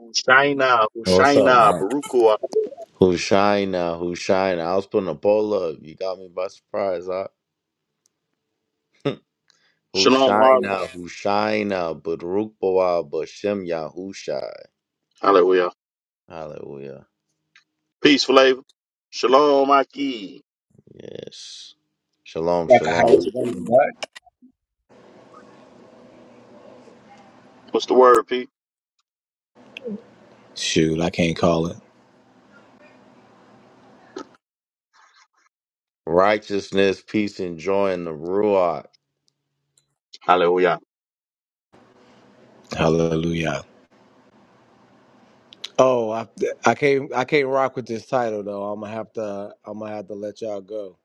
Hushaina, What's up, Hushaina, huh? Barukua. Who's shy now? Who's shy now? I was putting a poll up. You got me by surprise, huh? Who's Shalom, shy Harlem. now? Who's shy now? Baruch Boah Bashem Yahusha. Hallelujah. Hallelujah. Peace, Flavor. Shalom, Aki. Yes. Shalom, like a shalom. house. What's the word, Pete? Shoot, I can't call it. Righteousness, peace, and joy in the Ruach. Hallelujah. Hallelujah. Oh, I, I can't I can't rock with this title though. I'm gonna have to I'm gonna have to let y'all go.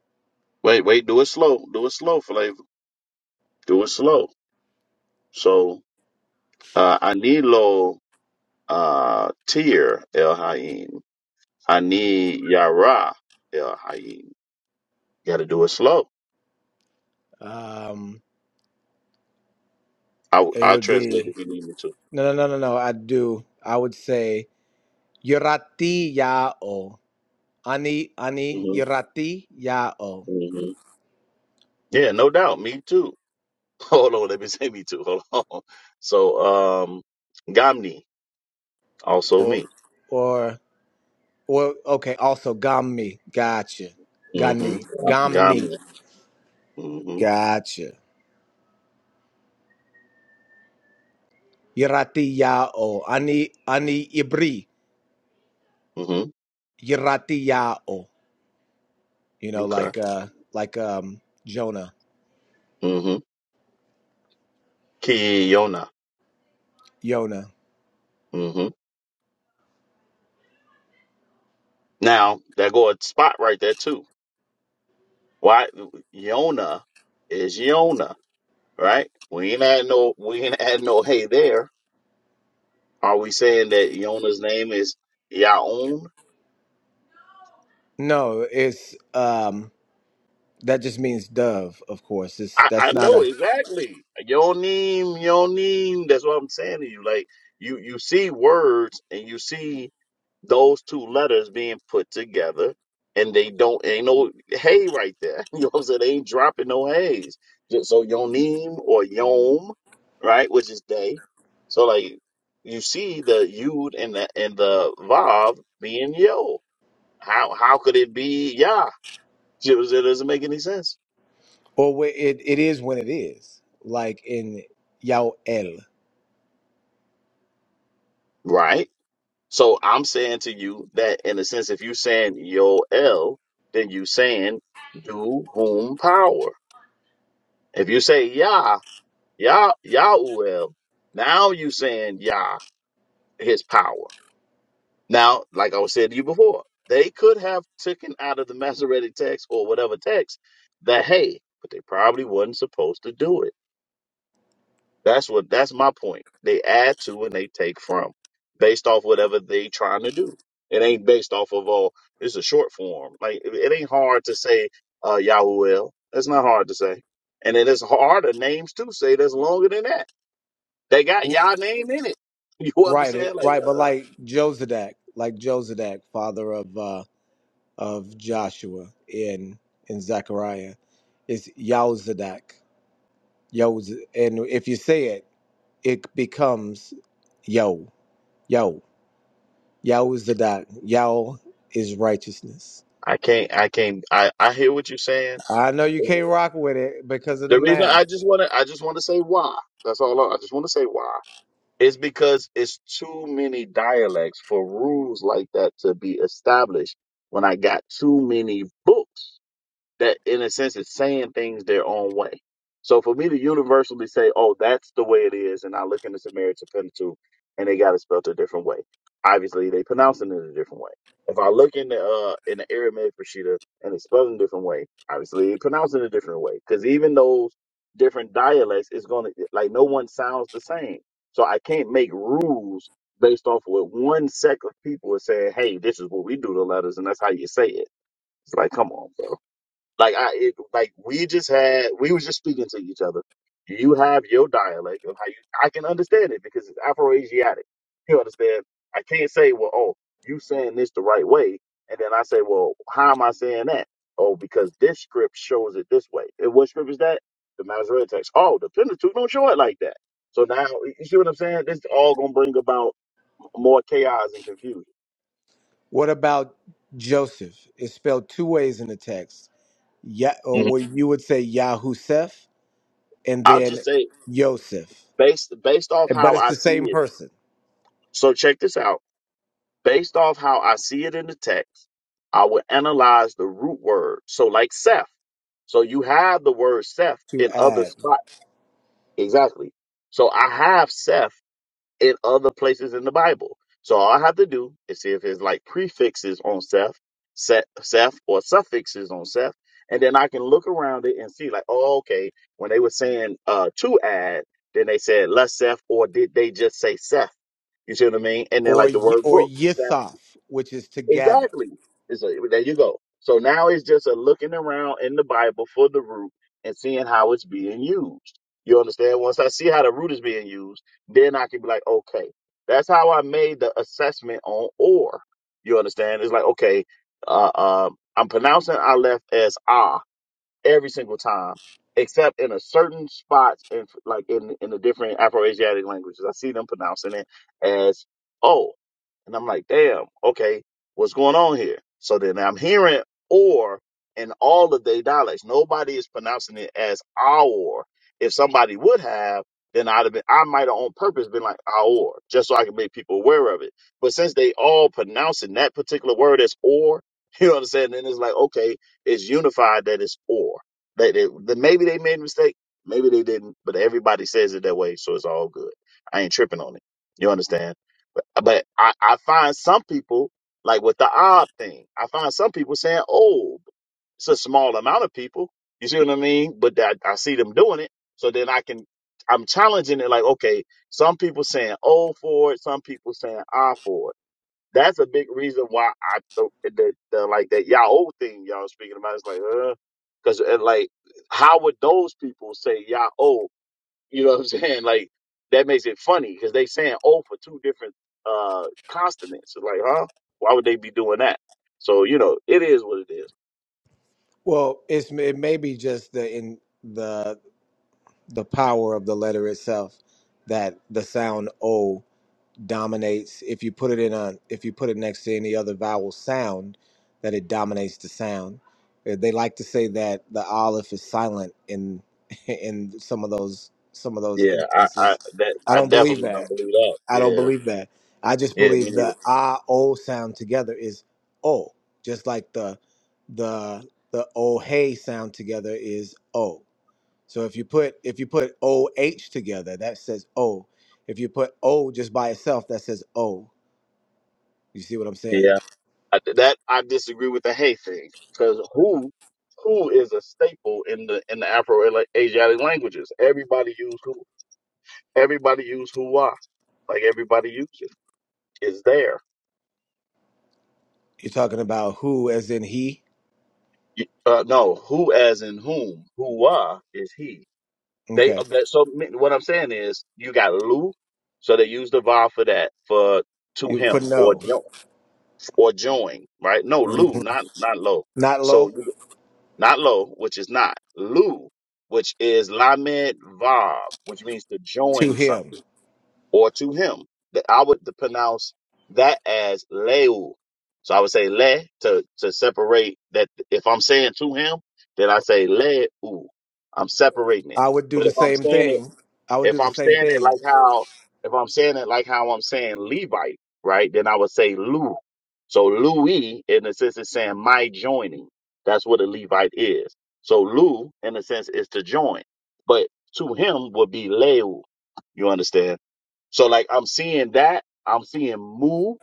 Wait, wait, do it slow. Do it slow, Flavor. Do it slow. So, uh, I need low, uh, tier, El Haim. I need Yara, El Haim. Gotta do it slow. Um, I, it I'll would translate be if you need me to. no no no no no. I do. I would say yorati yao ani ani hmm yorati yao hmm Yeah, no doubt. Me too. Hold on. Let me say me too. Hold on. So, um, Gamni. Also or me. or or okay. Also Gamni, Gotcha. Mm-hmm. Gani gamni. Ghana. Mm-hmm. Gotcha. Yorati yao ani ani ibri Mm-hmm. yorati yao. you know, Okay. like uh like um Jonah, Mm-hmm. Kiona. Yona. Mm-hmm. Now that go a spot right there too. Why Yona is Yona, right? We ain't had no we ain't had no hey there. Are we saying that Yona's name is Yaon? No, it's um that just means dove, of course. It's I, I that's not know a exactly. Your name, your name. That's what I'm saying to you. Like you, you see words and you see those two letters being put together, and they don't ain't no hay right there. You know what I'm saying? They ain't dropping no hays. Just so your or yom, right, which is day. So like you see the yud and the and the vav being yo. How how could it be yah? You know what I'm saying? It doesn't make any sense, or wh- it it is when it is. Like in Yael. right? So I'm saying to you that in a sense, if you saying Yoel, then you saying do whom power. If you say Yah, Yah, Yahuel, now you saying Yah, his power. Now, like I was saying to you before, they could have taken out of the Masoretic text or whatever text that, hey, but they probably wasn't supposed to do it That's what that's my point. They add to and they take from based off whatever they trying to do. It ain't based off of oh, it's a short form. Like it it ain't hard to say uh Yahuwah. That's not hard to say. And it is harder names to say that's longer than that. They got Yah name in it. You know what I'm Right, it, saying? Like right, but uh, uh, like Josadak, like Josadak, father of uh of Joshua in in Zechariah, is Yaozadak. Yoz and if you say it, it becomes Yo, Yo. Yahweh is the dot. Yahweh is righteousness. I can't I can't I, I hear what you're saying. I know you can't rock with it because of the The reason I math. just wanna I just wanna say why. That's all I, I just wanna say why. It's because it's too many dialects for rules like that to be established when I got too many books that in a sense is saying things their own way. So for me to universally say, "Oh, that's the way it is," and I look in the Samaritan Pentateuch and they got it spelled a different way. Obviously, they pronouncing it a different way. If I look in the uh in the Aramaic Peshitta and it's spelled a different way, obviously they pronounce it a different way. Because even those different dialects is going to like no one sounds the same. So I can't make rules based off what one sect of people is saying. Hey, this is what we do to letters, and that's how you say it. It's like, come on, bro. Like I it, like we just had we was just speaking to each other. You have your dialect of how you I can understand it because it's Afro-Asiatic. You understand? I can't say, well, oh, you saying this the right way, and then I say, well, how am I saying that? Oh, because this script shows it this way. And what script is that? The Masoretic text. Oh, the Pentateuch don't show it like that. So now you see what I'm saying? This is all gonna bring about more chaos and confusion. What about Joseph? It's spelled two ways in the text. Yeah, or Mhm. what you would say Yahusef and I'll then just say Yosef, based based off but how it's I the same see it. person So check this out Based off how I see it in the text, I will analyze the root word. So, like Seth. So, you have the word Seth to in other add, spots. Exactly. So, I have Seth in other places in the Bible. So, all I have to do is see if it's like prefixes on Seth, Seth, Seth or suffixes on Seth. And then I can look around it and see, like, oh, okay, when they were saying uh, to add, then they said less Seth, or did they just say Seth? You see what I mean? And then or like the Y- word or book. Seth. Yisaf, which is to gather. Exactly. It's a, there you go. So now it's just a looking around in the Bible for the root and seeing how it's being used. You understand? Once I see how the root is being used, then I can be like, okay, that's how I made the assessment on or. You understand? It's like, okay, uh, uh, I'm pronouncing I left as ah every single time, except in a certain spots and like in in the different Afro-Asiatic languages. I see them pronouncing it as oh, and I'm like, damn, okay, what's going on here? So then I'm hearing or in all of their dialects. Nobody is pronouncing it as our. If somebody would have, then I'd have been, I might have on purpose been like our, just so I can make people aware of it. But since they all pronouncing that particular word as or, you know what I'm saying? Then it's like, okay, it's unified that it's or. That it, that maybe they made a mistake, maybe they didn't, but everybody says it that way, so it's all good. I ain't tripping on it. You understand? But, uh, but I, I find some people like with the odd thing. I find some people saying oh, it's a small amount of people. You see what I mean? But that I see them doing it, so then I can. I'm challenging it like, okay, some people saying oh for it, some people saying I for it that's a big reason why I do the, the like that Yahoo thing y'all speaking about. It's like, uh, because like, how would those people say Yahoo? You know what I'm saying? Like that makes it funny because they saying O for two different uh consonants. It's like, huh? Why would they be doing that? So you know, it is what it is. Well, it's it may be just the in the the power of the letter itself that the sound O dominates if you put it in a if you put it next to any other vowel sound that it dominates the sound Uh, they like to say that the aleph is silent in in some of those some of those Yeah, I, I instances that i I don't believe definitely don't that believe that. i don't Yeah, believe that i just yeah, me believe neither. the ah o sound together is o just like the the the o hey sound together is o so if you put if you put O H together, that says O. If you put O just by itself, that says O. You see what I'm Yeah. saying? I, that I disagree with the hey thing because who who is a staple in the in the Afro Asiatic languages. Everybody use who. Everybody use who why. Like everybody uses is there. You're talking about who as in he. You- Uh, no, who as in whom. Who why is he. They Okay. uh, that, so me- what I'm saying is you got Lou, so they use the va for that for to You put him or no. jo- or join right. No Mhm. Lou, not not low. Not So low not lo, which is not, lu, which is lamed vav, which means to to join him. something or to him. That I would pronounce that as leu. So I would say le to to separate that. If I'm saying to him, then I say leu. I'm separating it. I would do But the if I'm same saying it thing. I would do if the I'm same saying it thing. like how, if I'm saying it like how I'm saying Levite, right? Then I would say Lou. So Louis, in a sense, is saying my joining. That's what a Levite is. So Lou, in a sense, is to join, but to him would be Leu. You understand? So like I'm seeing that, I'm seeing Mu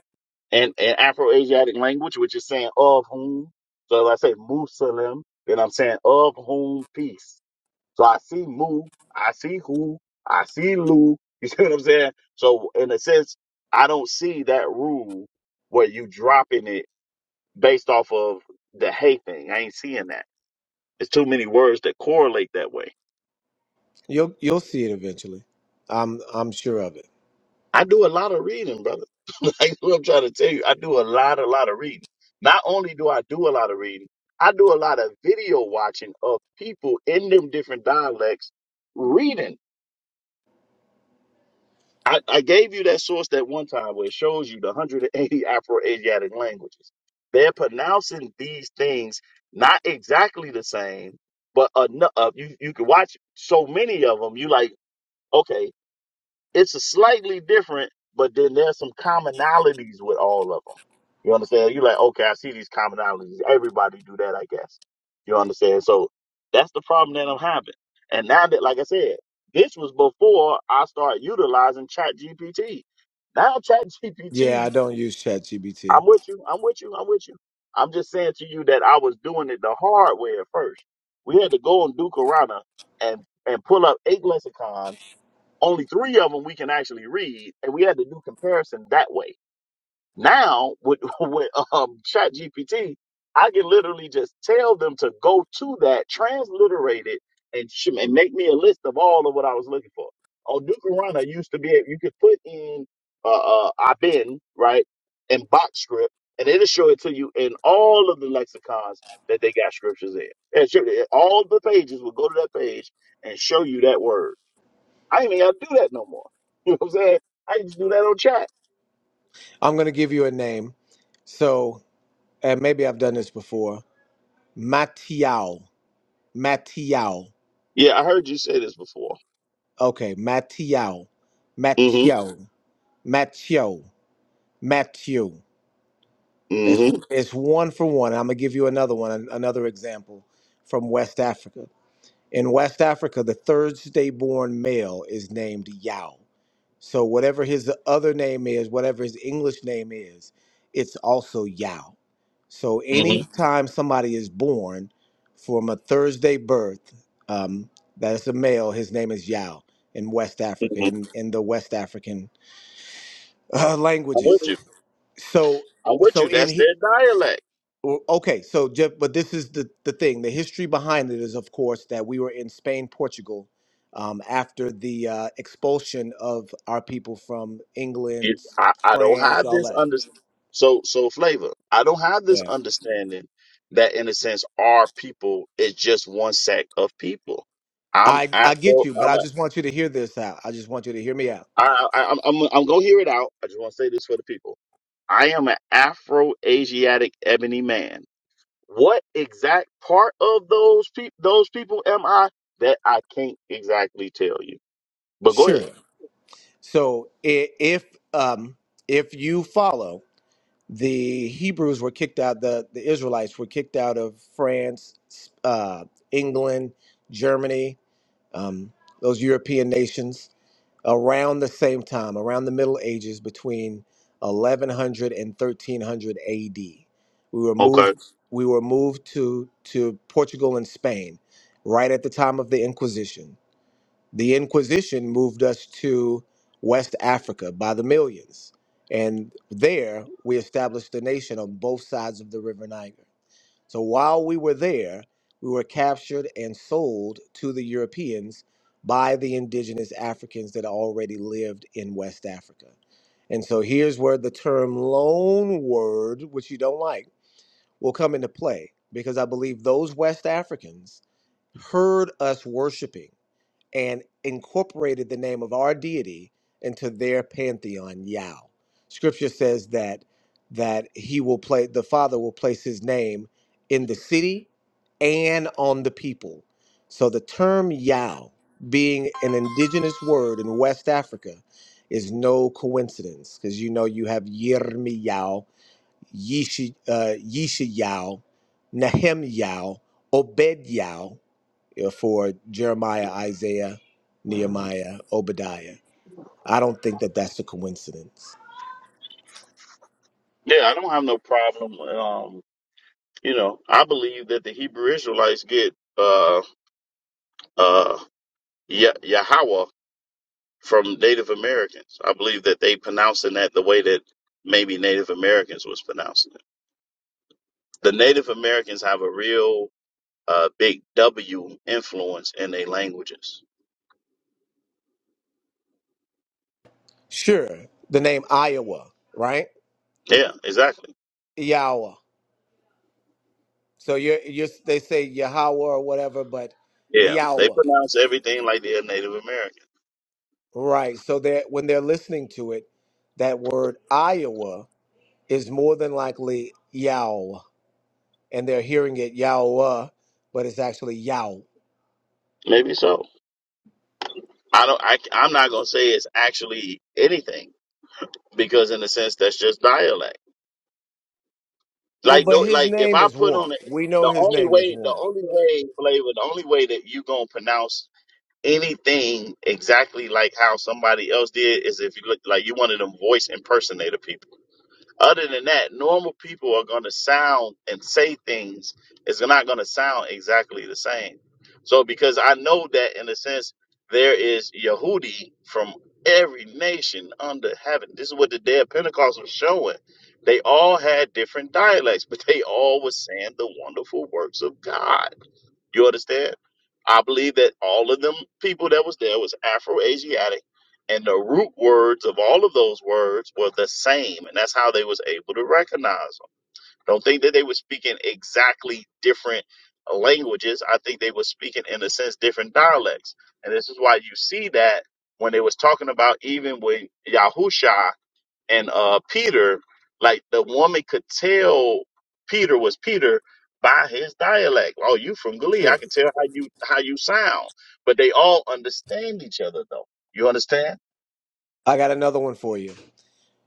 and in Afro-Asiatic language, which is saying of whom. So if I say Muslim, then I'm saying of whom peace. So I see Moo, I see Who, I see Lou. You see what I'm saying? So in a sense, I don't see that rule where you dropping it based off of the hey thing. I ain't seeing that. It's too many words that correlate that way. You'll you'll see it eventually. I'm I'm sure of it. I do a lot of reading, brother. like what I'm trying to tell you, I do a lot, a lot of reading. Not only do I do a lot of reading, I do a lot of video watching of people in them different dialects reading. I, I gave you that source that one time where it shows you the 180 Afro-Asiatic languages. They're pronouncing these things not exactly the same, but enough. You you can watch so many of them. You like okay it's a slightly different, but then there's some commonalities with all of them. You understand? You're like, okay, I see these commonalities. Everybody do that, I guess. You understand? So that's the problem that I'm having. And now that, like I said, this was before I started utilizing ChatGPT. Now ChatGPT, Yeah, I don't use ChatGPT. I'm with you. I'm with you. I'm with you. I'm just saying to you that I was doing it the hard way at first. We had to go on Duke Arana and, and pull up eight lexicons only three of them we can actually read, and we had to do comparison that way. Now with with um, Chat I can literally just tell them to go to that, transliterate it, and sh- and make me a list of all of what I was looking for. Oh, Dukarana used to be able- you could put in uh, uh Ibn right and box script, and it'll show it to you in all of the lexicons that they got scriptures in. And show, all the pages will go to that page and show you that word. I ain't even gotta do that no more. You know what I'm saying? I can just do that on chat. I'm gonna give you a name. So and maybe I've done this before. Matiao. Matiao. Yeah, I heard you say this before. Okay, Mateo, Mm-hmm. Mateo, Mateo, Matthew. It's Mm-hmm. it's one for one. I'm gonna give you another one, an- another example from West Africa. In West Africa, the Thursday born male is named Yao. So, whatever his other name is, whatever his English name is, it's also Yao. So, Mm-hmm. anytime somebody is born from a Thursday birth, um, that is a male, his name is Yao in West hmm Africa, in, in the West African uh, I'm with languages. you. So, I'm with so you. in, That's he- their dialect. well, Okay, so Jeff, but this is the the thing. The history behind it is, of course, that we were in Spain, Portugal, um, after the uh, expulsion of our people from You, England, I, I don't France, have all this that. understanding. so so flavor. I don't have this Yeah, understanding that in a sense our people is just one sect of people. I'm I I get Afro you, but I'm I a just want you to hear this out. I just want you to hear me out. I, I, I'm, I'm I'm gonna hear it out. I just want to say this for the people. I am an Afro Asiatic ebony man. What exact part of those pe- those people am I? That I can't exactly tell you. But go Sure. ahead. So i- if um if you follow, the Hebrews were kicked out. The the Israelites were kicked out of France, uh, England, Germany um, those European nations around the same time, around the Middle Ages, between 1100 and 1300 AD. We were Okay. moved. We were moved to to Portugal and Spain, right at the time of the Inquisition. The Inquisition moved us to West Africa by the millions, and there we established a nation on both sides of the River Niger. So while we were there, we were captured and sold to the Europeans by the indigenous Africans that already lived in West Africa. And so here's where the term loan word, which you don't like, will come into play because I believe those West Africans heard us worshiping and incorporated the name of our deity into their pantheon, Yao. Scripture says that that he will play the Father will place his name in the city and on the people. So the term Yao, being an indigenous word in West Africa, is no coincidence because you know you have Yirmiyahu, Yishi, uh, Yishayahu, Nehemiah, Obed Yao you know, for Jeremiah, Isaiah, Nehemiah, Obadiah. I don't think that that's a coincidence. Yeah, I don't have no problem. Um, you know, I believe that the Hebrew Israelites get uh uh Yah- Yahweh from Native Americans. I believe that they pronouncing that the way that maybe Native Americans was pronouncing it. The Native Americans have a real uh, big W influence in their languages. Sure, the name Iowa, right? Yeah, exactly. Yahweh. So you're, you're they say Yahweh or whatever, but Yeah, they Yahweh, pronounce everything like they're Native American. right? So they when they're listening to it, that word Iowa is more than likely Yahweh, and they're hearing it Yahweh, but it's actually Yahweh. Maybe so. I don't. I, I'm not gonna say it's actually anything because, in a sense, that's just dialect. Well, Like but no, his like if name I is put one. on it, We know the his only name is way, the one. only way, flavor, the only way that you gonna pronounce anything exactly like how somebody else did is if you look like you one of them voice impersonator people. Other than that, normal people are going to sound and say things. It's not going to sound exactly the same. So, because I know that in a sense, there is Yehudi from every nation under heaven. This is what the day of Pentecost was showing. They all had different dialects, but they all were saying the wonderful works of God. You understand? I believe that all of them people that was there was Afro-Asiatic, and the root words of all of those words were the same, and that's how they was able to recognize them. Don't think that they were speaking exactly different languages. I think they were speaking in a sense different dialects, and this is why you see that when they was talking about even with Yahusha and uh Peter, like the woman could tell Peter was Peter by his dialect. Oh, you from Glee. Sure. I can tell how you how you sound. But they all understand each other though. You understand? I got another one for you.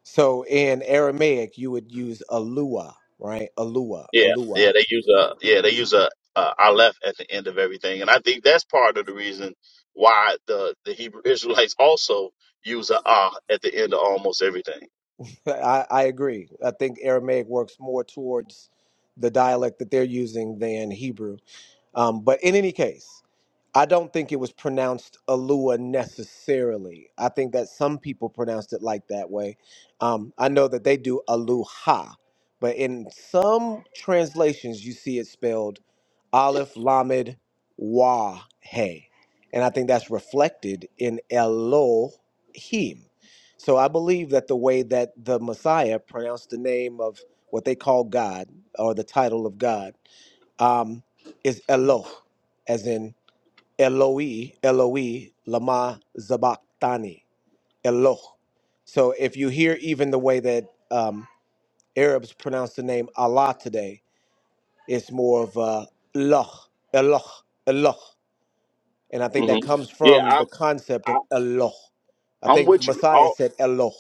So in Aramaic, you would use alua, right? Alua, Yeah, alua. yeah, they use a yeah, they use a, a aleph at the end of everything. And I think that's part of the reason why the, the Hebrew Israelites also use a ah at the end of almost everything. I, I agree. I think Aramaic works more towards the dialect that they're using than Hebrew. Um, but in any case, I don't think it was pronounced Alua necessarily. I think that some people pronounced it like that way. Um, I know that they do Aluha, but in some translations, you see it spelled Aleph Lamed Wa He. And I think that's reflected in Elohim. So I believe that the way that the Messiah pronounced the name of what they call God or the title of God um, is Eloh, as in Eloi, Eloi, lama zabachthani, Eloh. So if you hear even the way that um, Arabs pronounce the name Allah today, it's more of uh, Eloh, Eloh, Eloh. And I think hmm that comes Yeah, from I'm the concept of I, Eloh. I I'm think with you. Messiah said Eloh.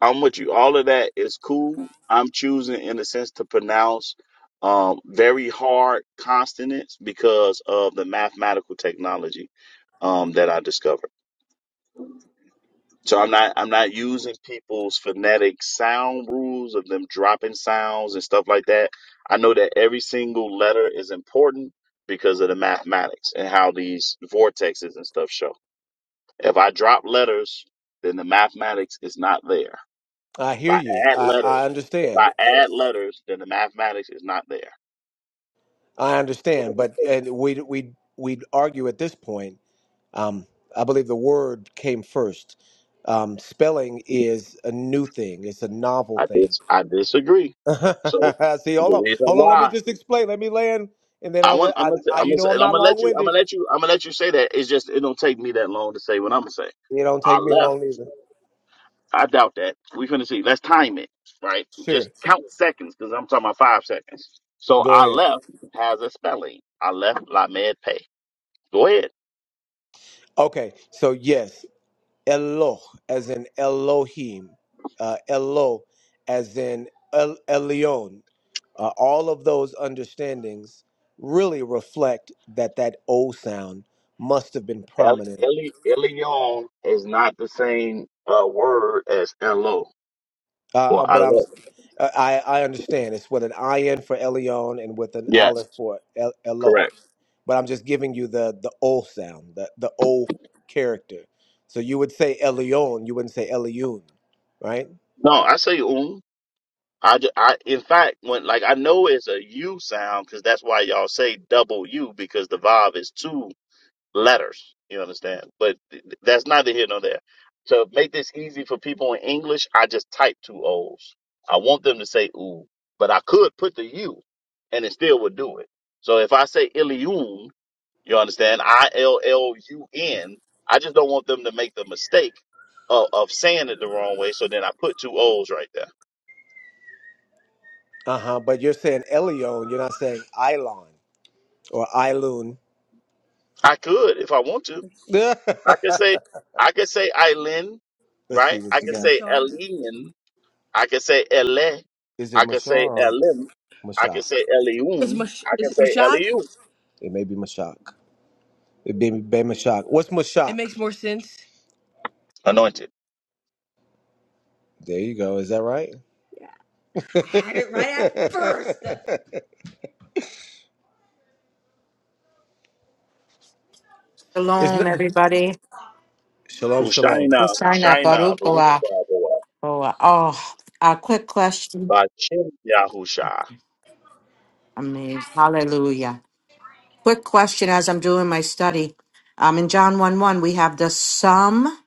I'm with you. All of that is cool. I'm choosing, in a sense, to pronounce um, very hard consonants because of the mathematical technology um, that I discovered. So I'm not I'm not using people's phonetic sound rules of them dropping sounds and stuff like that. I know that every single letter is important because of the mathematics and how these vortexes and stuff show. If I drop letters, then the mathematics is not there I If hear you. I add I, I letters, if understand. I add letters, then the mathematics is not there. I understand. But and we we we'd we'd argue at this point Um, I believe the word came first. Um, spelling is a new thing. It's a novel I thing. dis I disagree. So See, hold the on, reason hold on. Let me why just explain. Let me land, and then I I'll want let. I'm I, gonna say- I I'm you gonna say- know, I'm I'm not gonna long let you I'm winded. gonna let you I'm gonna let you say that. It's just it don't take me that long to say what I'm gonna say. It don't I take me left. long either. I doubt that. We finna see. Let's time it right. Sure, Just count seconds because I'm talking about five seconds. So go I ahead. left has a spelling. I left la med pay. Go ahead. Okay, so yes, Eloh as in Elohim, uh, Elo as in El Elyon. uh, all of those understandings really reflect that that O sound must have been El, prominent. Eli, Elion is not the same uh, word as Elo Uh, uh, or but I'm, Alo. uh, I I understand it's with an in for Elion and with an Yes, olive for El- Elo. correct. But I'm just giving you the the O sound, the the O character. So you would say Elion, you wouldn't say Eliun, right? No, I say um. I, ju- I in fact when like I know it's a U sound because that's why y'all say double U because the vav is two letters. You understand? But th- th- that's neither here nor there. To make this easy for people in English, I just type two O's. I want them to say ooh, but I could put the U, and it still would do it. So if I say Ilium, You understand? I L L U N. I just don't want them to make the mistake of, of saying it the wrong way. So then I put two O's right there. Uh huh. But you're saying Elion, you're not saying Ilon or Ilun. I could if I want to. I could say I could say Eileen, Let's see right? what you I could got. say Eileen. I could say Ele. Is it I could say Mashar? Elim. I Mashak. could say It's Elium. Mash. I Is could it say Mashak? Eliu. It may be Mashak. It may be Mashak. What's It Mashak? makes more sense. Anointed. There you go. Is that right? I had it right at first. it's Shalom, not. everybody. Shalom, shalom. Hushaina, Hosanna, Hushaina, Baruch Baruch Olah. Yahweh, Olah. Oh, a quick question. Ba'Chem Yahusha. Amazing. Hallelujah. Quick question as I'm doing my study. Um, in John 1 1, we have the sum.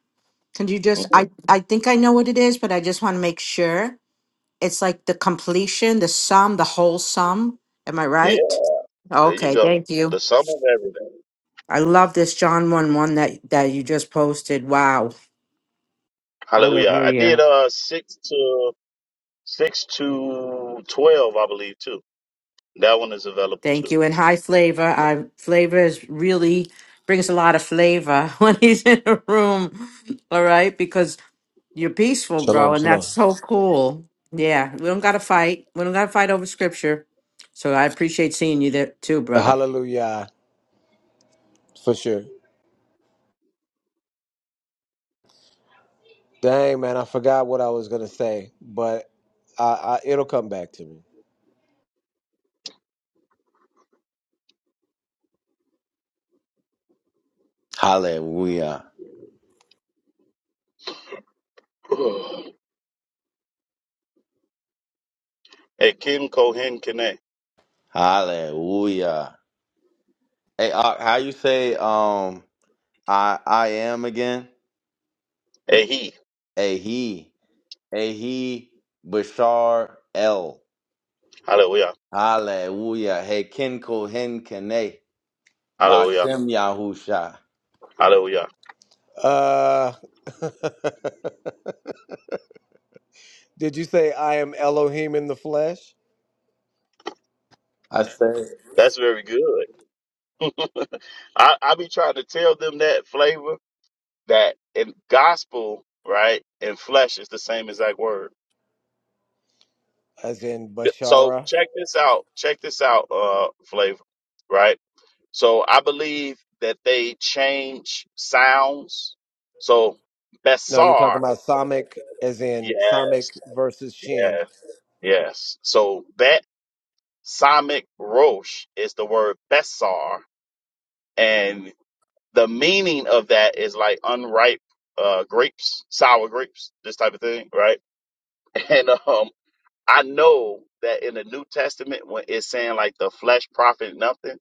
Can you just, Mhm. I, I think I know what it is, but I just want to make sure. It's like the completion, the sum, the whole sum. Am I Yeah, right? there you Okay, go. thank you. The sum of everything. I love this John 1 1 that, that you just posted. Wow. Hallelujah. I Hallelujah. did uh six to six to twelve, I believe too. That one is available Thank too. you. And high flavor. I flavor is really brings a lot of flavor when he's in a room. All right, because you're peaceful, Shalom, bro, and shalom. that's so cool. Yeah, we don't got to fight. We don't got to fight over scripture. So I appreciate seeing you there too, brother. Hallelujah. For sure. Dang, man. I forgot what I was going to say, but I, I, it'll come back to me. Hallelujah. A Kim Kohen Kene. Hallelujah. Hey, uh, how you say um I I am again? A he. Ahi. Ahi Bashar El. Hallelujah. Hallelujah. Hey, Ken Kohen Kene. Hallelujah. Bashem Yahusha. Hallelujah. Uh, did you say I am Elohim in the flesh? I said. That's very good. I, I be trying to tell them that flavor that in gospel, right, and flesh is the same exact word. As in So Bashara? check this out. Check this out, uh, flavor, right? So I believe that they change sounds. So No, you're talking Besar, about Samic, as in Samic yes, versus Shin. yeah, yes. So Bet Samic Rosh is the word Besar, and the meaning of that is like unripe uh, grapes, sour grapes, this type of thing, right? And um, I know that in the New Testament, when it's saying like the flesh profit nothing,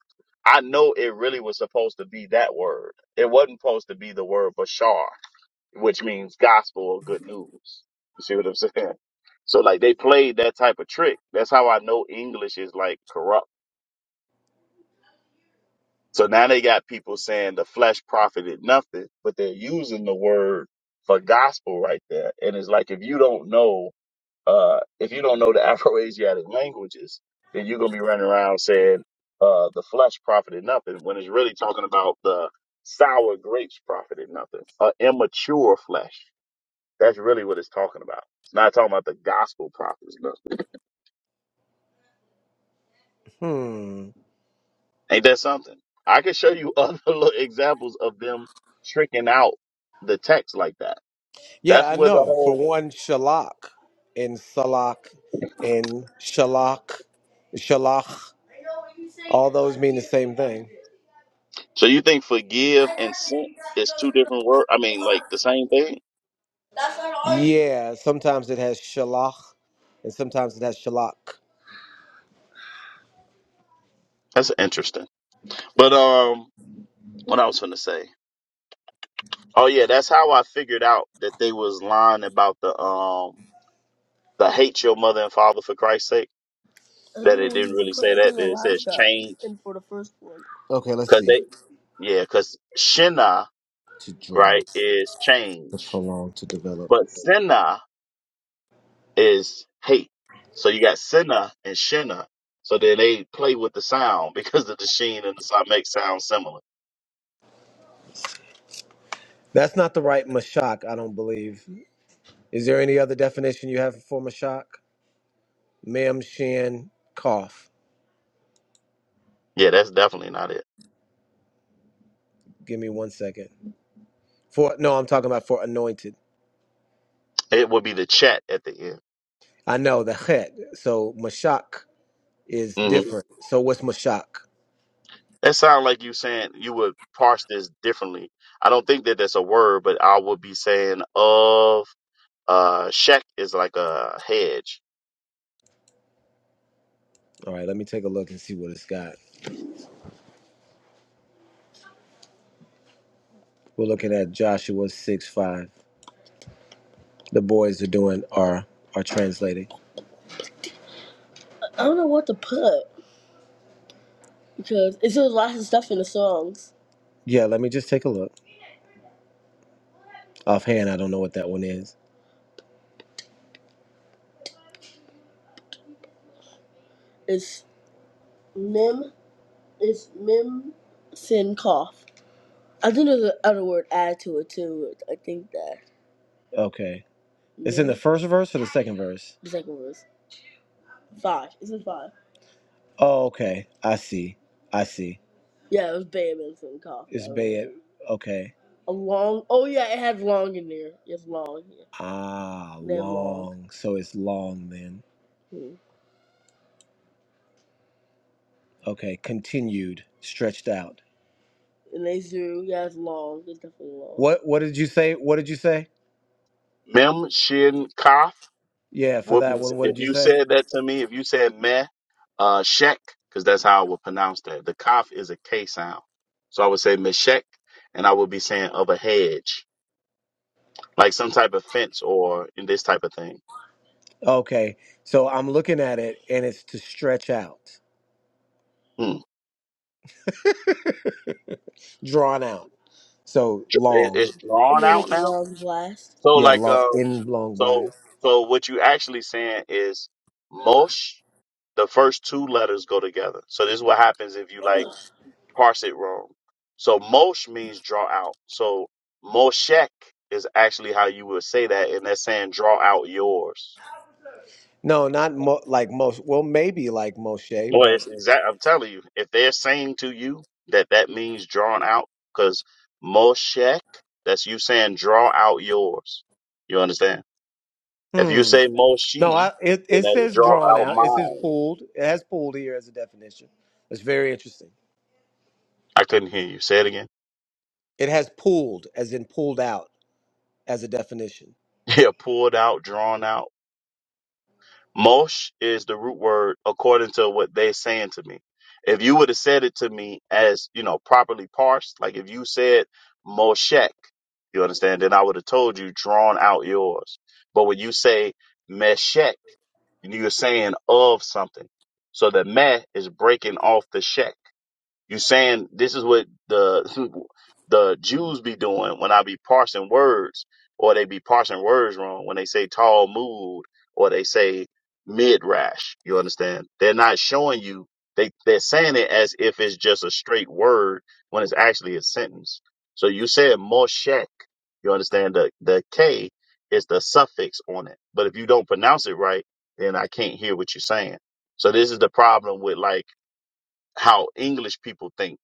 I know it really was supposed to be that word. It wasn't supposed to be the word bashar, which means gospel or good news. You see what I'm saying? So like they played that type of trick. That's how I know English is like corrupt. So now they got people saying the flesh profited nothing, but they're using the word for gospel right there. And it's like if you don't know Uh, if you don't know the Afro-Asiatic languages, then you're gonna be running around saying uh, the flesh profited nothing when it's really talking about the sour grapes profited nothing, uh, immature flesh. That's really what it's talking about. It's not talking about the gospel prophets. Nothing. Hmm. Ain't that something? I can show you other little examples of them tricking out the text like that. Yeah, That's I where the know. For whole. one, shalak and salak and shalak, shalach, all those mean the same thing. So you think forgive and sin is two different words? I mean, like the same thing? Yeah, sometimes it has shalach and sometimes it has shalak. That's interesting. But um, what I was gonna say. Oh yeah, that's how I figured out that they was lying about the um the hate your mother and father for Christ's sake. I That don't it know where didn't to really put. say It that. says a That it lot of says stuff. change And for the first one, Okay, let's because see. they yeah because shina To draw, right is to change, prolong, to develop. but sinna is hate. So you got sinna and shina. So then they play with the sound because the sheen and the sa make sound similar. That's not the right mashak, I don't believe. Is there any other definition you have for mashak? Ma'am Shan cough. Yeah, that's definitely not it. Give me one second. For no, I'm talking about for anointed. It would be the chat at the end. I know the het. So mashak is Mm-hmm. different. So what's mashak? That sounds like you saying you would parse this differently. I don't think that that's a word, but I would be saying of uh shek is like a hedge. All right, let me take a look and see what it's got. We're looking at Joshua six five. The boys are doing are are translating. I don't know what to put because it's just lots of stuff in the songs. Yeah, let me just take a look. Offhand, I don't know what that one is. It's Mim, it's Mim Sin Cough. I think there's another word added to it too. I think that. Okay. It's in Yeah. the first verse or the second verse? The second verse. Five. It's in five. Oh, okay. I see. I see. Yeah, it was Bam and some cough. It's I Bayet. remember. Okay. A long. Oh yeah, it had long in there. It's long. Yeah. Ah, They had long. long. So it's long then. Hmm. Okay. Continued. Stretched out. And they threw. Yeah, it's long. It's definitely long. What What did you say? What did you say? Mem shin kaf Yeah, for would that be, one. What if did you you say? said that to me, if you said meh uh shek, because that's how I would pronounce that. The kaf is a K sound. So I would say meshek and I would be saying of a hedge. Like some type of fence or in this type of thing. Okay, so I'm looking at it and it's to stretch out, Hmm. drawn out. So Dr- it- long. It's And drawn then like out a now? long blast. So Yeah, like long um in long so blast. so what you actually saying is Mosh, the first two letters go together. So this is what happens if you like parse it wrong. So Mosh means draw out. So Moshek is actually how you would say that, and they're saying draw out yours. No, not mo- like most. Well, maybe like Moshe, Well, but it's exact. I'm telling you, if they're saying to you that that means drawn out, because Moshek, that's you saying draw out yours. You understand? If hmm. you say No, Moshi, I it, then it that's says draw drawn out out. It says mine. pulled. It has pulled here as a definition. It's very interesting. I couldn't hear you. Say it again. It has pulled as in pulled out as a definition. Yeah, pulled out, drawn out. Mosh is the root word according to what they're saying to me. If you would have said it to me as, you know, properly parsed, like if you said Moshek, you understand, then I would have told you drawn out yours. But when you say Meshek, you're saying of something. So the meh is breaking off the shek. You saying this is what the the Jews be doing when I be parsing words, or they be parsing words wrong when they say Talmud or they say midrash. You understand? They're not showing you. They they're saying it as if it's just a straight word when it's actually a sentence. So you said Moshek. You understand? The the K is the suffix on it. But if you don't pronounce it right, then I can't hear what you're saying. So this is the problem with like how English people think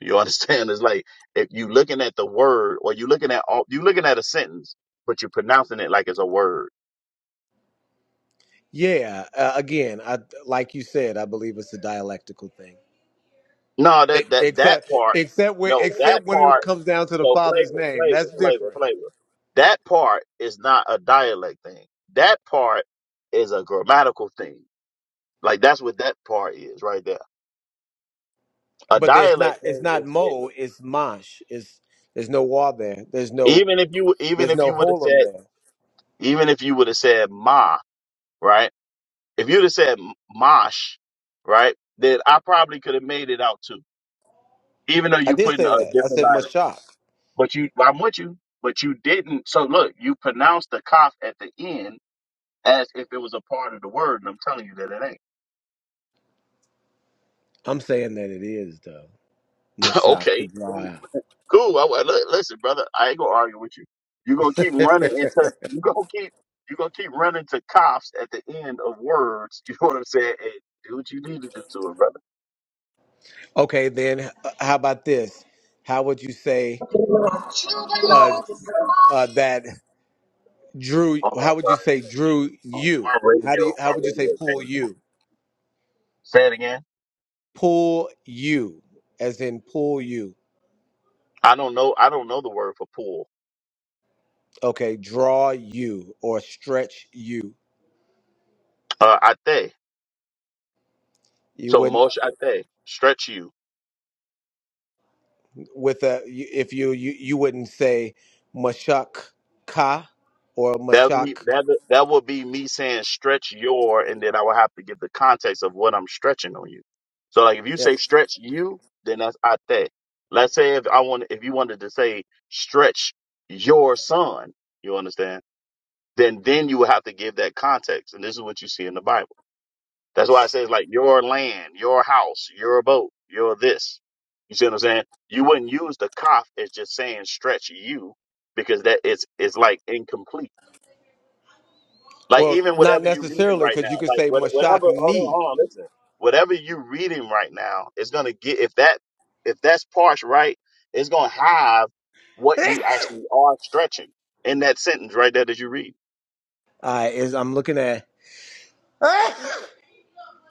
you understand? It's like if you looking at the word or you looking at all you looking at a sentence, but you're pronouncing it like it's a word. Yeah. Uh, again, I like you said. I believe it's a dialectical thing. No, E- that that that Except, part, except where, no, that except when it part. comes down to the So father's flavor, name, that's flavor, flavor, different. flavor. That part is not a dialect thing. That part is a grammatical thing. Like that's what that part is right there. A But there's dialect not, it's thing not is it. Mo, it's Mosh. It's there's no wall there. There's no, Even if you even there's if no you would have Holam said there. even if you would have said ma, right? If you'd have said Mosh, right, then I probably could have made it out too, even though I you did put in say a that. I different said island, Mashak. But you, I'm with you, but you didn't. So look, you pronounced the cough at the end as if it was a part of the word, and I'm telling you that it ain't. I'm saying that it is though. Mashak to okay, draw cool. cool. I, I- li- listen, brother, I ain't gonna argue with you. you gonna keep running out. into, you gonna keep, you gonna keep running to coughs at the end of words. You know what I'm saying? And do what you need to do to it, brother. okay, then h- how about this? How would you say uh, uh, that Drew? Oh, How I'm would you sorry. I say couldn't hear Drew you. Oh, you? My How do you? radio, How my would you say radio pull came on. you? Say it again. Pull you, as in pull you. I don't know. I don't know the word for pull. okay draw you or stretch you Uh, ate. you So wouldn't Moshe ate. Stretch you. with a you- if you you, you wouldn't say mashak ka or That me mashak that would- that would be me saying stretch your, and then I would have to give the context of what I'm stretching on you. So like if you yeah. say stretch you, then that's ate. Let's say if I want if you wanted to say stretch your son, you understand? Then then you would have to give that context, and this is what you see in the Bible. That's why it says like your land, your house, your boat, your this. You see what I'm saying? You wouldn't use the cough as just saying stretch you because that it's it's like incomplete. Like well even not whatever you're reading necessarily right because now, you could like say what whatever mashak hold on, ni hold on, listen. Whatever you're reading right now is gonna get if that if that's parse right, it's gonna have what you actually are stretching in that sentence right there that you read. uh, is i'm looking at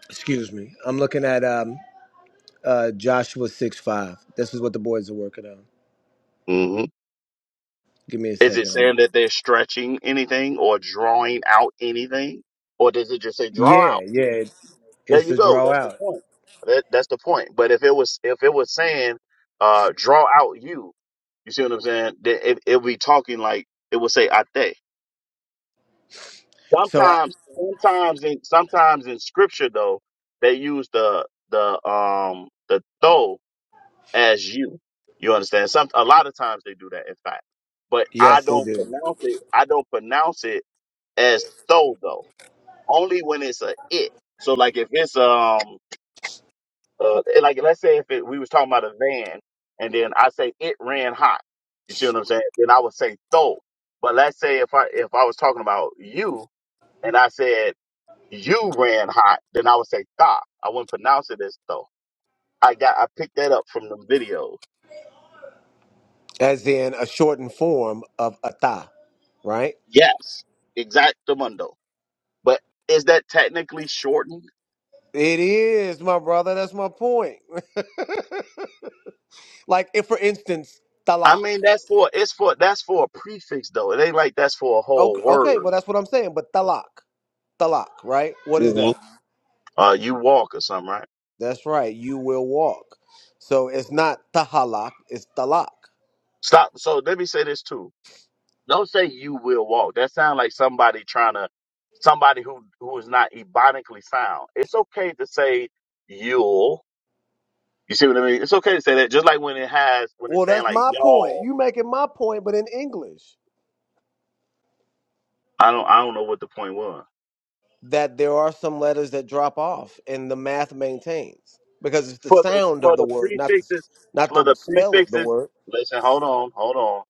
excuse me i'm looking at um uh joshua 6 5 this is what the boys are working on Mm-hmm. give me a Is it second I'm, saying that they're stretching anything or drawing out anything? Or does it just say draw yeah out? yeah it's There it's you to go. draw That's the out point. That, that's the point. But if it was if it was saying uh draw out you, you see what I'm saying? Then it it would be talking like it would say ate. so I, Sometimes sometimes in sometimes in scripture though, they use the the um the though as you. You understand? Some a lot of times they do that in fact. But I yes they don't do pronounce it I don't pronounce it as though though only when it's a it so like if it's um uh, like let's say if it, we was talking about a van and then i say it ran hot you see what i'm saying then i would say though but let's say if i if i was talking about you and i said you ran hot then i would say tha i wouldn't pronounce it as though i got i picked that up from the video as in a shortened form of ata, right? yes exactamundo but is that technically shortened It is, my brother. That's my point. like, if for instance, I talak. mean, that's for it's for that's for a prefix though. It ain't like that's for a Okay, whole okay, word. well, that's what I'm saying. But talak, talak, right? What is hmm that? Uh, you walk or something, right? That's right. You will walk. So it's not tahalak. It's talak. Stop. So let me say this too. Don't say you will walk. That sounds like somebody trying to somebody who who is not ebonically sound. It's okay to say you'll. You see what I mean? It's okay to say that. Just like when it has when it's Well, saying that's like my point. y'all. You making my point, but in English, I don't I don't know what the point was. that there are some letters that drop off, and the math maintains because it's the for the sound of for the the word, not the prefixes not for the the spell of the prefixes. word. Listen, hold on, hold on.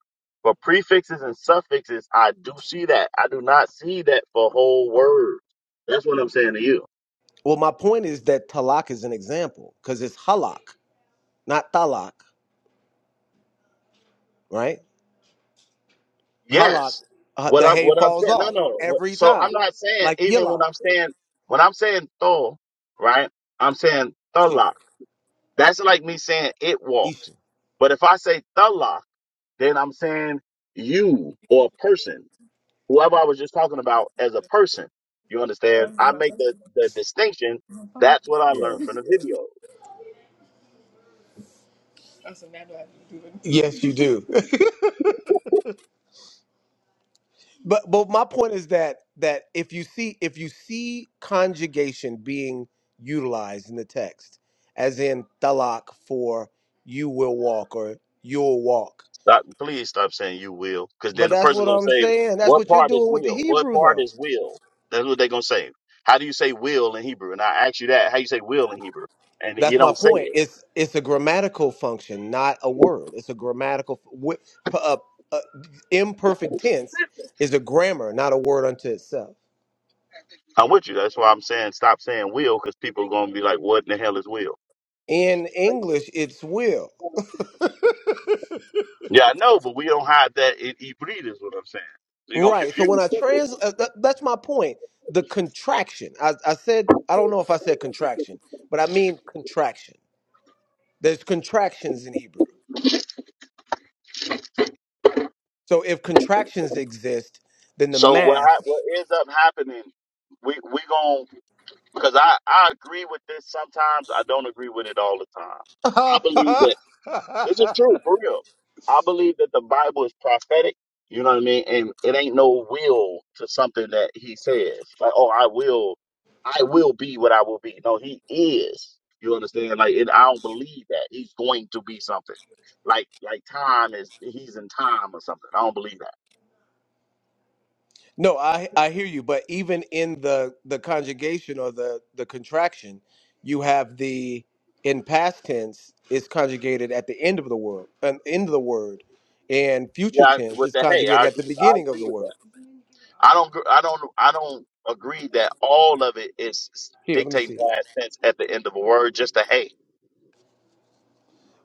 For prefixes and suffixes, I do see that. I do not see that for whole words. That's what I'm saying to you. Well, my point is that talak is an example because it's halak, not talak, right? Halak, Yes. uh, What the I'm hay what I'm falls saying. No, off no. What, every so I'm time, not saying like even when yilak, I'm saying when I'm saying thol, right? I'm saying shika, thalak. That's like me saying it isha. walked. But if I say thalak, then I'm saying you or a person. whoever I was just talking about as a person. You understand? Don't do I my make face. the, the distinction. That's what I learned Yes. from the video. Oh, so now do I have it? Yes, you do. but but my point is that that if you see if you see conjugation being utilized in the text, as in talak for you will walk or you'll walk. Stop, please stop saying you will, because then But the that's person's what gonna I'm say, saying. That's "What what you're part is doing with the will? What Hebrew part though. is will?" That's what they're gonna say. How do you say will in Hebrew? And I ask you that. How you say will in Hebrew? And you That's my don't say point. it. It's it's a grammatical function, not a word. It's a grammatical wi- p- uh, uh, imperfect tense is a grammar, not a word unto itself. I'm with you. That's why I'm saying stop saying will because people are going to be like, what in the hell is will? In English, it's will. Yeah, I know, but we don't have that in Ibrid is what I'm saying. So you're going to Right. So confuse. when I trans, uh, th- that's my point. The contraction. I, I said I don't know if I said contraction, but I mean contraction. There's contractions in Hebrew. So if contractions exist, then the So what math. hap- what ends up happening, we we going to, because I, I agree with this sometimes. I don't agree with it all the time. I believe that. This is true, for real. I believe that the Bible is prophetic. You know what I mean? And it ain't no will to something that he says. Like, oh, I will, I will be what I will be. No, he is. You understand? Like, and I don't believe that he's going to be something. Like, like time is he's in time or something. I don't believe that. No, I I hear you, but even in the the conjugation or the the contraction, you have the in past tense is conjugated at the end of the word, an end of the word, and future Yeah, I, tense with is the hey, I conjugated at the agree. I beginning of agree the with word. that. I don't. gr- I don't. I don't agree that all of it is Here, let me dictating see. past tense at the end of a word. Just a hey.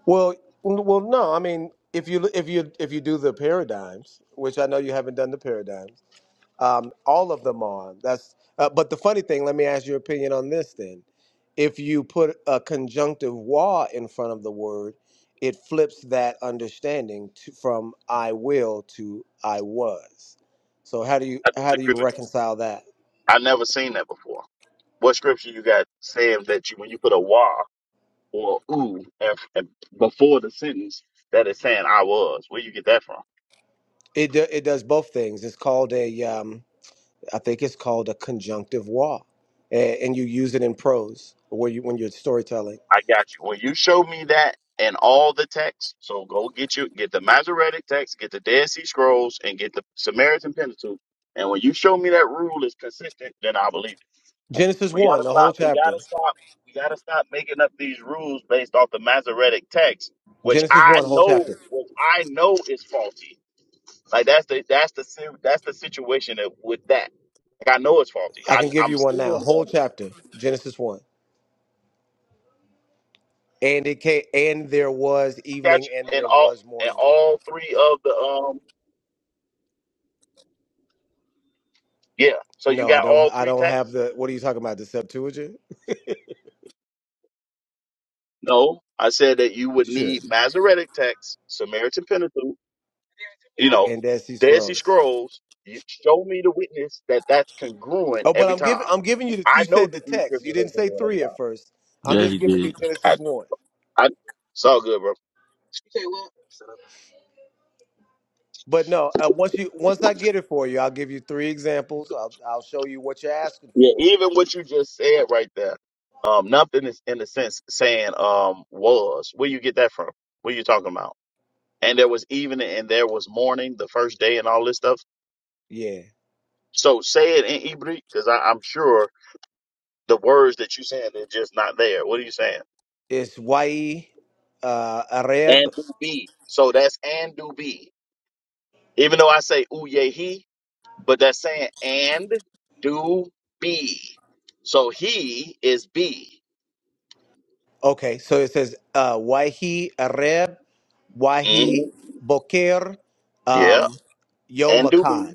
Well, n- well, no, I mean if you if you if you do the paradigms, which I know you haven't done the paradigms, Um, all of them on. That's. Uh, but the funny thing, let me ask your opinion on this then. If you put a conjunctive wa in front of the word, it flips that understanding to, from I will to I was. So how do you I how do disagree you with that. reconcile that? I never seen that before. What scripture you got saying that you when you put a wa or ooh af- af- before the sentence that is saying I was? Where you get that from? It do, it does both things. It's called a um, I think it's called a conjunctive wa, a- and you use it in prose where you when you're storytelling. I got you. When you show me that and all the texts, so go get you get the Masoretic text, get the Dead Sea Scrolls, and get the Samaritan Pentateuch. And when you show me that rule is consistent, then I believe it. Genesis We one, gotta the whole stop. We chapter. gotta stop. We gotta stop making up these rules based off the Masoretic text, which Genesis I one, whole know, chapter. which I know is faulty Like that's the that's the si- that's the situation that, with that. Like I know it's faulty. I I, can give I'm you one now. seeing Whole the chapter, Genesis one. And it came, and there was evening, statue and in there all was in morning. all three of the um yeah. So you No, I got don't. all I three don't have texts? the. What are you talking about? The Septuagint? No, I said that you would Sure. need Masoretic text, Samaritan Pentateuch, you know, And Dead Sea Dead Sea Scrolls. Scrolls. You, show me the witness that that's congruent Oh, but every I'm giving. time. I'm giving you. The, you I know said the that these text. You scriptures didn't are say congruent every three at time. first. I'm Yeah, he just giving you did. Genesis one. I, I, it's all good, bro. But no, uh, once you once I get it for you, I'll give you three examples. I'll I'll show you what you're asking Yeah, for. even what you just said right there, um, nothing is in a sense saying um was. Where you get that from? What you talking about? And there was evening and there was morning, the first day and all this stuff. Yeah, So say it in Hebrew, because I'm sure the words that you saying are just not there. What are you saying? it's Y. E Uh, Areb And do be. So that's and do be. Even though I say uyehi, but that's saying and do be. So he is be. Okay, so it says uh, Wahi Areb, Wahi Mhm. Boker, Yeah. um, Yom And do be.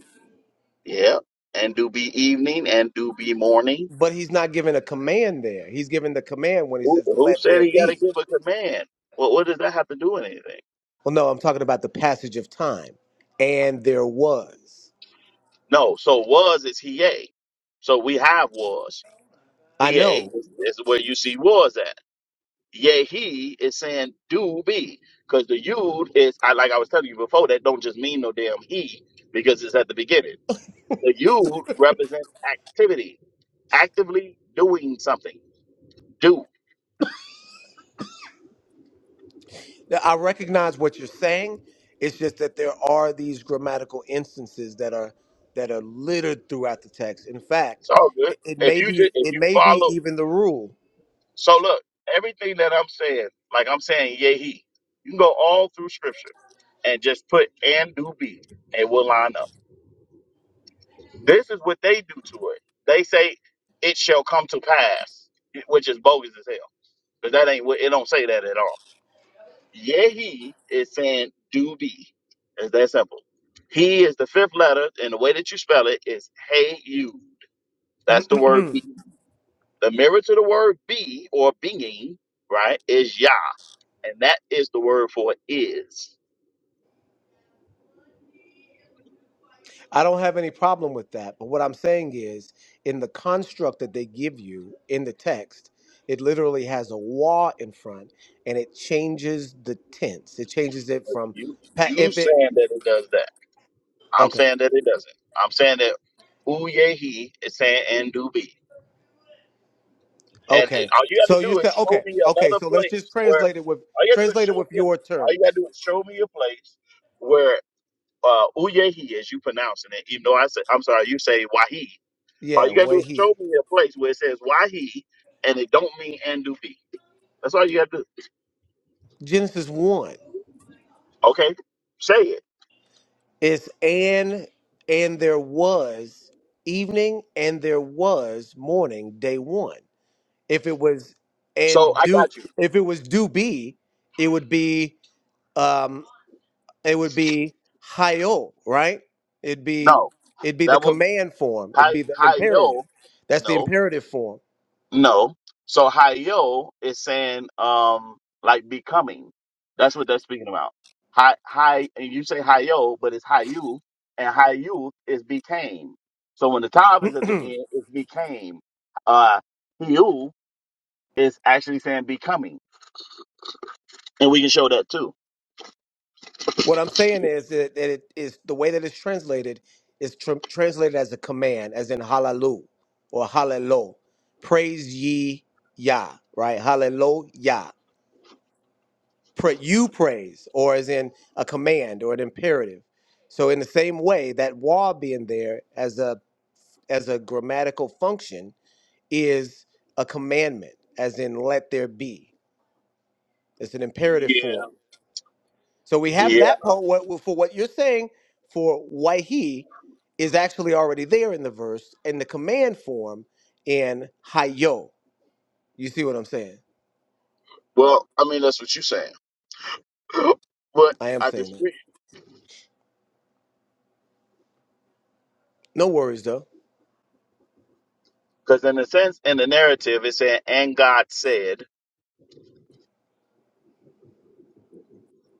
Yeah, and do be evening and do be morning. But he's not giving a command there. He's giving the command when he Who, says, who let said there he got to be. give a command? Well, what what does that have to do with anything? Well, no, I'm talking about the passage of time. And there was. No, so was is he. yea. So we have was. PA I know. is, is where you see was at. Yea, he is saying do be. Because the yud is, I like I was telling you before, that don't just mean no damn he because it's at the beginning. The yud represents activity, actively doing something. Do. Now, I recognize what you're saying. It's just that there are these grammatical instances that are that are littered throughout the text. In It's fact, all good. it, it If may you be just, if it you may be follow, even the rule So look, everything that I'm saying, like I'm saying, yea, he. You can go all through scripture and just put and do be, and we'll line up. This is what they do to it. They say it shall come to pass, which is bogus as hell. Because that ain't what it don't say that at all. Yea, he is saying do be. It's that simple. He is the fifth letter, and the way that you spell it is hey you. That's the word be. The mirror to the word be or being, right, is Yah. And that is the word for is. I don't have any problem with that. But what I'm saying is, in the construct that they give you in the text, it literally has a wa in front and it changes the tense. It changes it But from You pa- you if it, saying that it does that. I'm okay, saying that it doesn't. I'm saying that who ye he is saying and do be. And it- okay. all you gotta So you do is said, okay, show me okay. another So let's just place where translate it with, all you gotta do is translate it show with me your all you gotta terms. do is show me a place where uh Uye is you pronouncing it, even though I say I'm sorry, you say Wahi. All Yeah, you gotta do way is he. show me a place where it says Wahi and it don't mean and do be. That's all you gotta do. Genesis 1 Okay? Say it. is and, and there was evening and there was morning, day one. If it was So and I do got you. if it was do be, it would be um it would be hayo, right? It'd be No. it'd be the That would command form. It'd hi be the imperative. Hayo. That's the No, imperative form. no. So Hayo is saying um like becoming. That's what they're speaking about. Hi hi and you say Hayo, but it's Hayu, and Hayu is became. So when the Tav is at the end, it's became. Uh Hiu is actually saying becoming. And we can show that too. What I'm saying is that, that it is the way that it's translated is tr- translated as a command, as in hallelu or hallelo. Praise ye Yah, right? Hallelujah. pra- you praise, or as in a command or an imperative. So in the same way, that wa being there as a as a grammatical function is a commandment, as in let there be. It's an imperative Yeah. form. So we have Yeah. that part. What what- for what you're saying for why he is actually already there in the verse in the command form in hayo. You see what I'm saying? Well, I mean that's what you're saying. but I am I saying that. disagree. No worries though. Because in a sense, in the narrative, it's saying, and God said.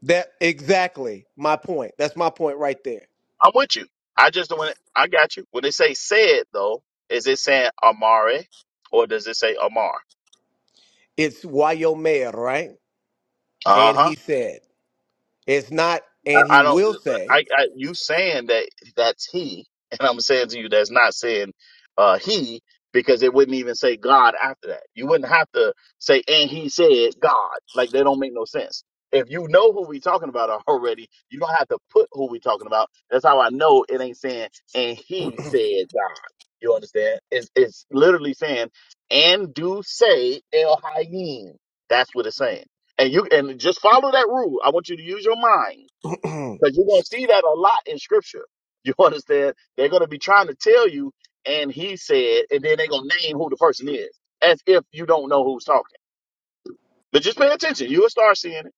That exactly my point. That's my point right there. I'm with you. I just don't want to, I got you. When they say said though, is it saying Amari or does it say Amar? It's Wyomer, right? Uh And huh. he said. It's not, I, and he I don't. will say. I, I you saying that that's he, and I'm saying to you that's not saying uh he because it wouldn't even say God after that. You wouldn't have to say and he said God. Like they don't make no sense. If you know who we talking about already, you don't have to put who we talking about. That's how I know it ain't saying and he said God. You understand? It's it's literally saying and do say El Hayim. That's what it's saying. And you and just follow that rule. I want you to use your mind no, because you're going to see that a lot in scripture. You understand? They're going to be trying to tell you, and he said, and then they're going to name who the person is, as if you don't know who's talking. But just pay attention. You'll start seeing it.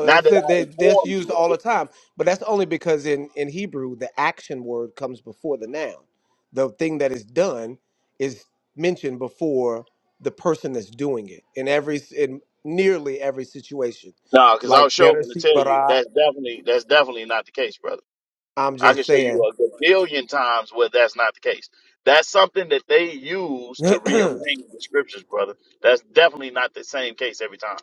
Now uh, that I they, that's informed used you of all the it. time. But that's only because in, in Hebrew, the action word comes before the noun. The thing that is done is mentioned before the person that's doing it in every in nearly every situation. No, It's because I was like sure better going to see tell you bara. that's definitely that's definitely not the case, brother. I'm I can just show saying. you a gazillion times where that's not the case. That's something that they use to rearrange the scriptures, brother. That's definitely not the same case every time.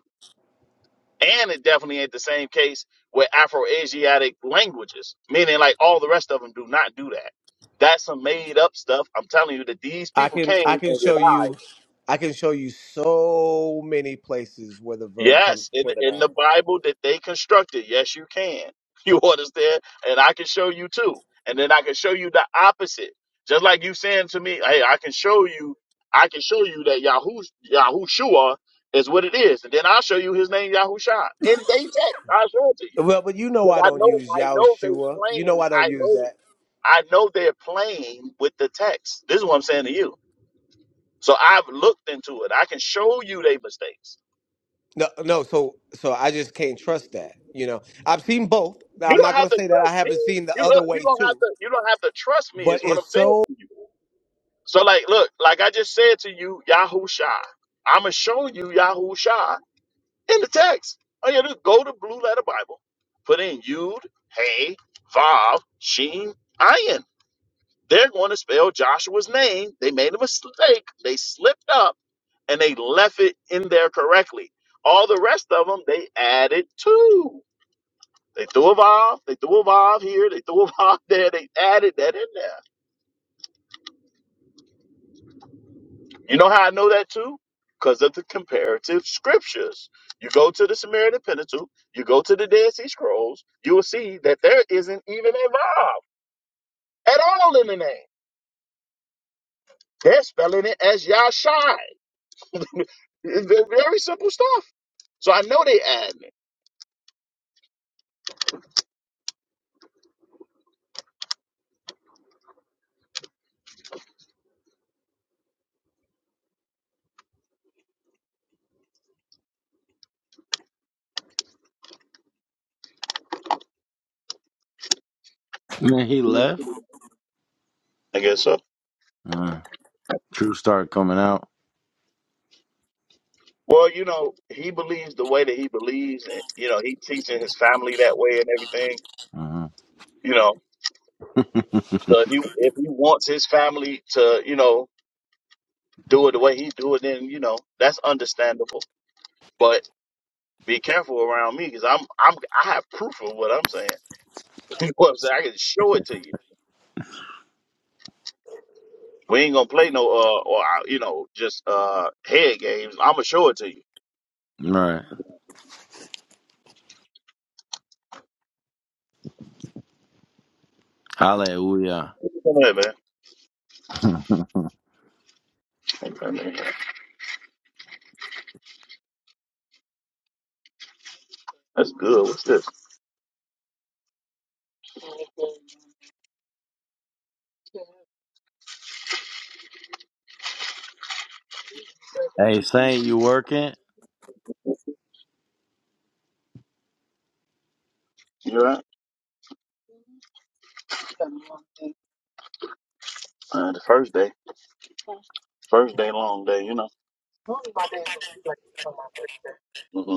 And it definitely ain't the same case with Afro-Asiatic languages, meaning like all the rest of them do not do that. That's some made up stuff. I'm telling you that these I people can came I can and show you revised. I can show you so many places where the verb comes Yes, in, before the in the noun. Bible that they constructed. Yes, you can. You understand? And I can show you too. And then I can show you the opposite. Just like you saying to me, hey, I can show you, I can show you that Yahush, Yahushua is what it is. And then I'll show you his name, Yahusha. in they text. I'll show it to you. Well, but you know because I I don't know use I know they're Yahushua. You know playing. I don't I use know that. I know they're playing with the text. This is what I'm saying to you. So I've looked into it. I can show you their mistakes. No, no. So, so I just can't trust that. You know, I've seen both. Now, You I'm don't not have gonna to say that I trust me. haven't seen the You other don't, you way don't have too, to you don't have to trust me. but Is what I'm it's saying so to you. So like, look, like I just said to you, Yahusha. I'm gonna show you Yahusha in the text. All you gotta do is go to Blue Letter Bible, put in Yud, Hey, Vav, Shin, Ayin. They're going to spell Joshua's name. They made a mistake. They slipped up and they left it in there correctly. All the rest of them, they added to. They threw a valve, they threw a valve here, they threw a valve there, they added that in there. You know how I know that too? Because of the comparative scriptures. You go to the Samaritan Pentateuch, you go to the Dead Sea Scrolls, you will see that there isn't even a valve at all in the name. They're spelling it as Yashai. Very simple stuff. So I know they admin. Man, he left. I guess so. Uh, truth started coming out. Well, you know, he believes the way that he believes, and you know, he teaching his family that way and everything. Uh-huh. You know, so if he if he wants his family to, you know, do it the way he do it, then you know that's understandable. But be careful around me because I'm I'm I have proof of what I'm saying. You know what I'm saying? I can show it to you. We ain't gonna play no uh or uh, you know just uh head games. I'm gonna show it to you. All right. Hallelujah. Come here, man. Hey, come here. That's good. What's this? hey, Saint, you working? You all right? Uh, the first day. First day, long day, you know. Mhm.